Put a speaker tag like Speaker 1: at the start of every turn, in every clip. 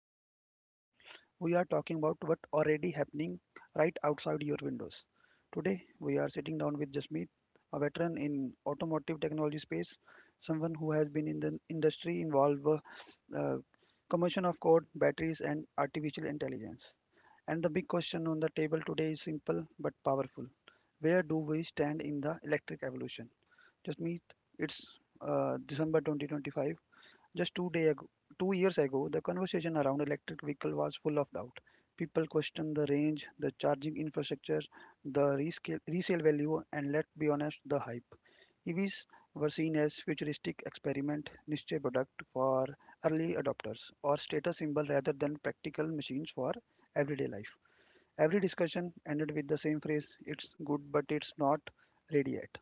Speaker 1: what might happen. We are talking about what already happening right outside your windows. Today we are sitting down with Jasmeet, a veteran in automotive technology space, someone who has been in the industry involved uh, combination of code, batteries, and artificial intelligence. And the big question on the table today is simple but powerful. Where do we stand in the electric evolution? Just meet. It's December 2025. Just 2 day ago, 2 years ago, the conversation around electric vehicle was full of doubt. People questioned the range, the charging infrastructure, the rescale, resale value, and let's be honest, the hype. EVs were seen as futuristic experiment, niche product for early adopters, or status symbol rather than practical machines for everyday life. Every discussion ended with the same phrase: "It's good, but it's not ready yet."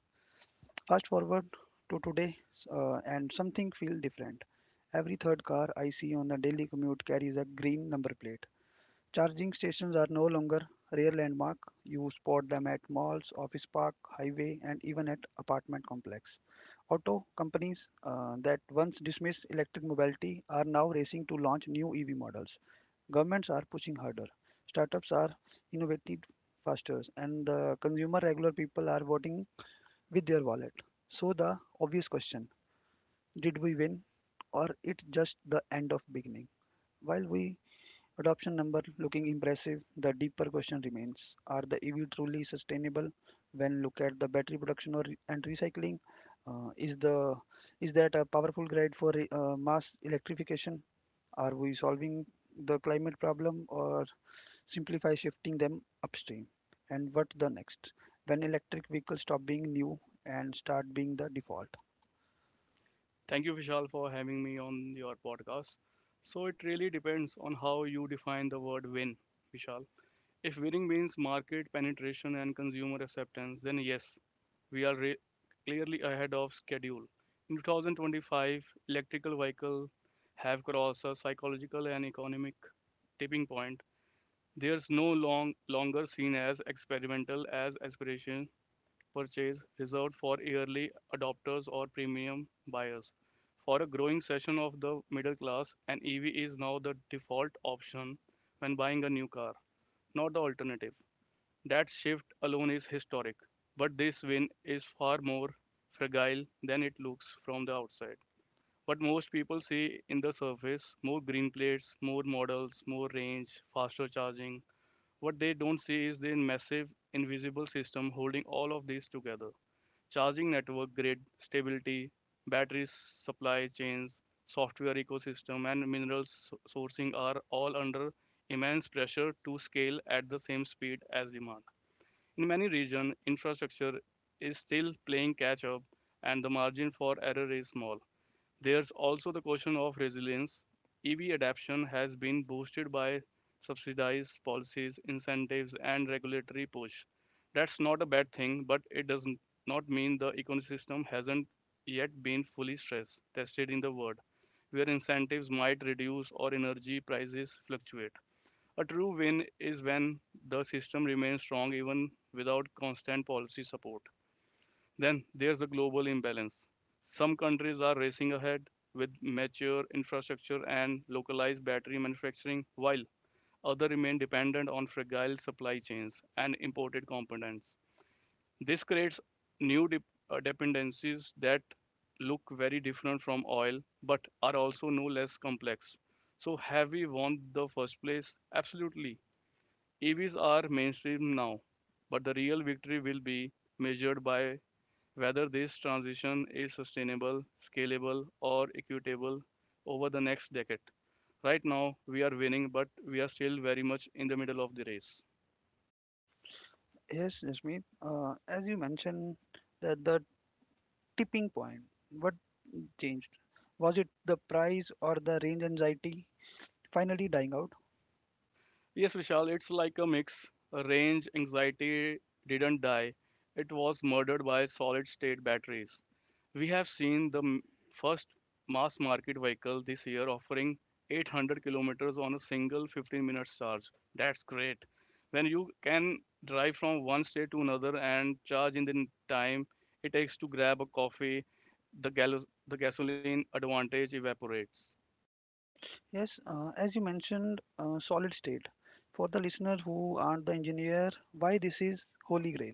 Speaker 1: Fast forward to today, and something feels different. Every third car I see on the daily commute carries a green number plate. Charging stations are no longer rare landmark. You spot them at malls, office park, highway, and even at apartment complex. Auto companies that once dismissed electric mobility are now racing to launch new EV models. Governments are pushing harder. Startups are innovating faster, and the consumer regular people are voting with their wallet. So the obvious question, did we win or it just the end of beginning? While we Adoption number looking impressive, the deeper question remains: Are the EV truly sustainable? When look at the battery production or and recycling, uh, is the is that a powerful guide for mass electrification? Are we solving the climate problem or simplify shifting them upstream? And what the next? When electric vehicles stop being new and start being the default?
Speaker 2: Thank you, Vishal, for having me on your podcast. So it really depends on how you define the word win, Vishal. If winning means market penetration and consumer acceptance, then yes, we are re- clearly ahead of schedule. In 2025, electrical vehicles have crossed a psychological and economic tipping point. There's no longer seen as experimental as aspiration purchase reserved for early adopters or premium buyers. For a growing section of the middle class, an EV is now the default option when buying a new car, not the alternative. That shift alone is historic, but this win is far more fragile than it looks from the outside. What most people see in the surface more green plates, more models, more range, faster charging. What they don't see is the massive invisible system holding all of these together charging network grid stability, battery supply chains, software ecosystem, and sourcing are all under immense pressure to scale at the same speed as demand. In many regions, infrastructure is still playing catch up and the margin for error is small. There's also the question of resilience. EV adoption has been boosted by subsidized policies, incentives, and regulatory push. That's not a bad thing, but it does not mean the ecosystem hasn't yet been fully stress tested in the world, where incentives might reduce or energy prices fluctuate. A true win is when the system remains strong even without constant policy support. Then there's a global imbalance. Some countries are racing ahead with mature infrastructure and localized battery manufacturing, while others remain dependent on fragile supply chains and imported components. This creates new dep- dependencies that look very different from oil but are also no less complex. So, have we won the first place? Absolutely. EVs are mainstream now, but the real victory will be measured by whether this transition is sustainable, scalable, or equitable over the next decade. Right now, we are winning, but we are still very much in the middle of the race.
Speaker 1: Yes, Jasmeet, as you mentioned, that the tipping point. What changed? Was it the price or the range anxiety finally dying out?
Speaker 2: Yes, Vishal, it's like a mix. Range anxiety didn't die, it was murdered by solid state batteries. We have seen the first mass market vehicle this year offering 800 kilometers on a single 15 minutes charge. That's great. When you can drive from one state to another and charge in the time it takes to grab a coffee, the gasoline advantage evaporates.
Speaker 1: Yes, as you mentioned, solid state. For the listeners who aren't the engineer, why this is holy grail?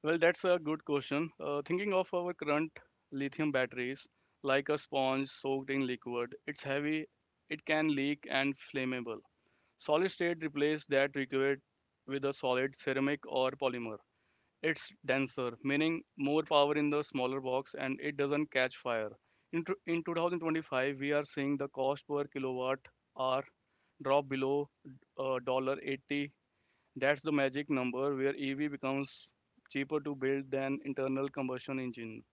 Speaker 2: Well, that's a good question. Thinking of our current lithium batteries like a sponge soaked in liquid, it's heavy, it can leak and flammable. Solid state replace that liquid with a solid ceramic or polymer. It's denser, meaning more power in the smaller box and it doesn't catch fire. In 2025, we are seeing the cost per kilowatt hour drop below dollar 80. That's the magic number where EV becomes cheaper to build than internal combustion engine.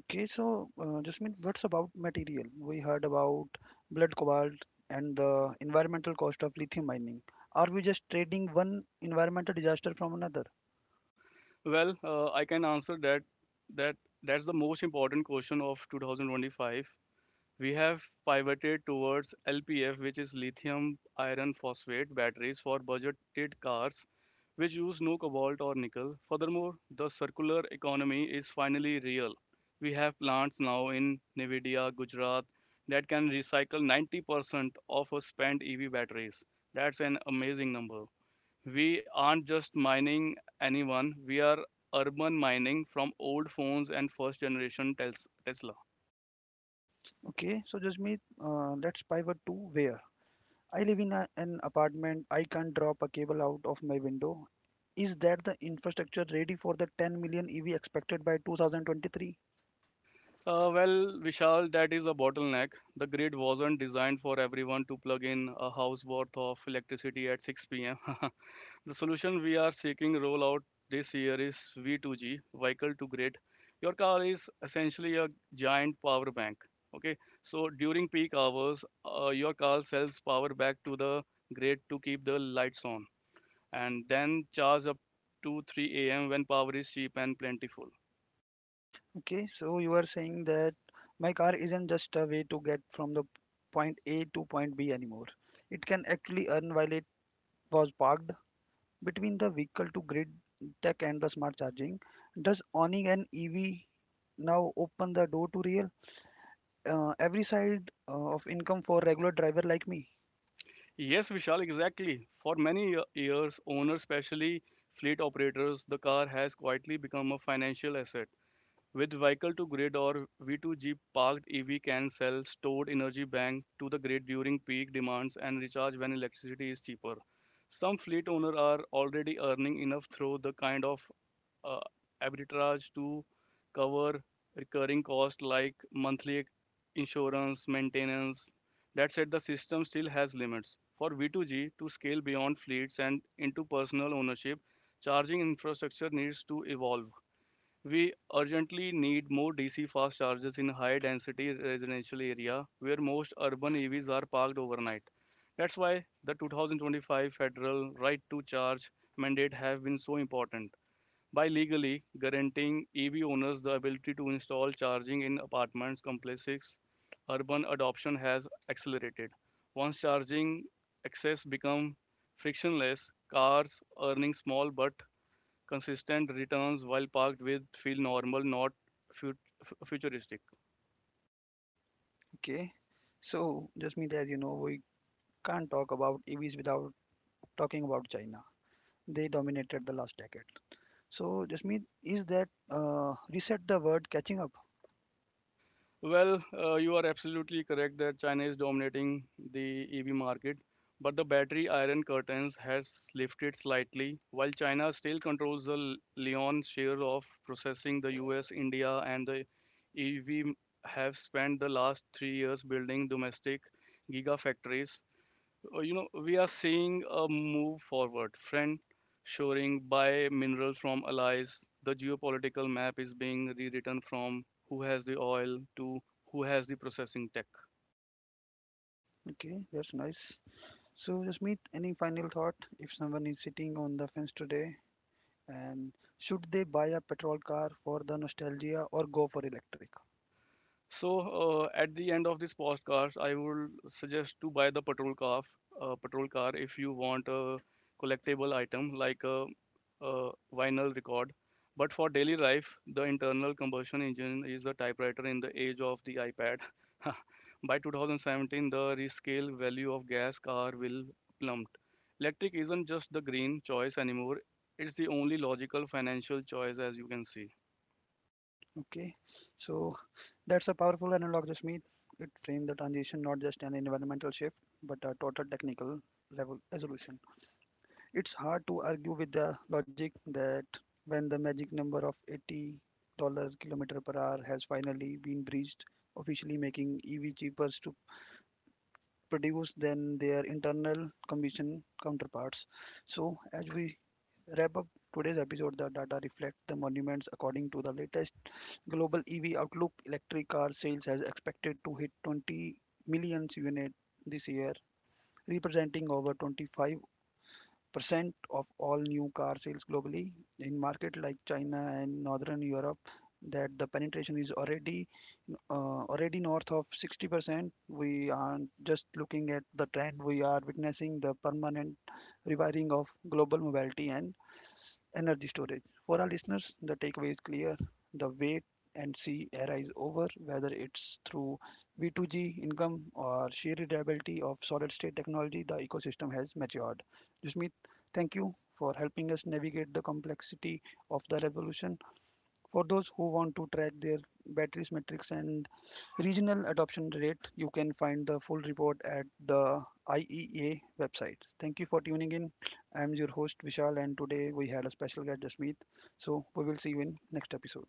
Speaker 1: Okay, so just mean what's about material? We heard about blood cobalt and the environmental cost of lithium mining. Are we just trading one environmental disaster from another?
Speaker 2: Well, I can answer that that that's the most important question of 2025. We have pivoted towards LPF, which is lithium iron phosphate batteries for budgeted cars, which use no cobalt or nickel. Furthermore, the circular economy is finally real. We have plants now in Nevada, Gujarat, that can recycle 90% of our spent EV batteries. That's an amazing number. We aren't just mining anyone, we are urban mining from old phones and first generation Tesla.
Speaker 1: Okay, so just mean let's pivot to where I live in a, an apartment. I can't drop a cable out of my window. Is that the infrastructure ready for the 10 million EV expected by 2023?
Speaker 2: Well, Vishal, that is a bottleneck. The grid wasn't designed for everyone to plug in a house worth of electricity at 6 pm. The solution we are seeking rollout this year is V2G, vehicle to grid. Your car is essentially a giant power bank. Okay, so during peak hours, your car sells power back to the grid to keep the lights on and then charge up to 3 a.m. when power is cheap and plentiful.
Speaker 1: Okay, so you are saying that my car isn't just a way to get from the point A to point B anymore. It can actually earn while it was parked between the vehicle to grid tech and the smart charging. Does owning an EV now open the door to real every side of income for regular driver like me?
Speaker 2: Yes, Vishal, exactly. For many years, owners, especially fleet operators, the car has quietly become a financial asset. With vehicle to grid or V2G parked EV can sell stored energy bank to the grid during peak demands and recharge when electricity is cheaper. Some fleet owners are already earning enough through the kind of uh, arbitrage to cover recurring costs like monthly insurance, maintenance. That said, the system still has limits. For V2G to scale beyond fleets and into personal ownership, charging infrastructure needs to evolve. We urgently need more DC fast chargers in high density residential area where most urban EVs are parked overnight. That's why the 2025 federal right to charge mandate have been so important by legally guaranteeing EV owners the ability to install charging in apartments, complexes, urban adoption has accelerated. Once charging access becomes frictionless, cars earning small but consistent returns while parked with feel normal, not fut- futuristic.
Speaker 1: Okay, so Jasmeet, as you know, we can't talk about EVs without talking about China. They dominated the last decade. So Jasmeet, is that reset the word catching up?
Speaker 2: Well, you are absolutely correct that China is dominating the EV market, but the battery iron curtains has lifted slightly. While China still controls the lion's share of processing, the US, India, and the EV have spent the last 3 years building domestic gigafactories. We are seeing a move forward friend shoring by mineral from allies. The geopolitical map is being rewritten from who has the oil to who has the processing tech.
Speaker 1: Okay, that's nice. So Jasmeet, any final thought? If someone is sitting on the fence today, and should they buy a petrol car for the nostalgia or go for electric?
Speaker 2: So at the end of this podcast, I would suggest to buy the patrol car if you want a collectible item like a vinyl record. But for daily life, the internal combustion engine is a typewriter in the age of the iPad. By 2017, the rescale value of gas car will plummet. Electric isn't just the green choice anymore; it's the only logical financial choice, as you can see.
Speaker 1: Okay, so that's a powerful analog, Jasmeet. It framed the transition not just an environmental shift, but a total technical level resolution. It's hard to argue with the logic that when the magic number of $80 kilometer per hour has finally been breached, officially making EV cheaper to produce than their internal combustion counterparts. So, as we wrap up today's episode, the data reflect the monuments according to the latest global EV outlook. Electric car sales has expected to hit 20 million units this year, representing over 25 percent of all new car sales globally. In market like China and Northern Europe, that the penetration is already already north of 60%. We are just looking at the trend. We are witnessing the permanent rewiring of global mobility and energy storage. For our listeners, the takeaway is clear. The wait and see era is over, whether it's through V2G income or sheer reliability of solid state technology, the ecosystem has matured. Jusmeet, thank you for helping us navigate the complexity of the revolution. For those who want to track their batteries metrics and regional adoption rate. You can find the full report at the IEA website. Thank you for tuning in. I'm your host Vishal, and today we had a special guest Jasmeet. So we will see you in next episode.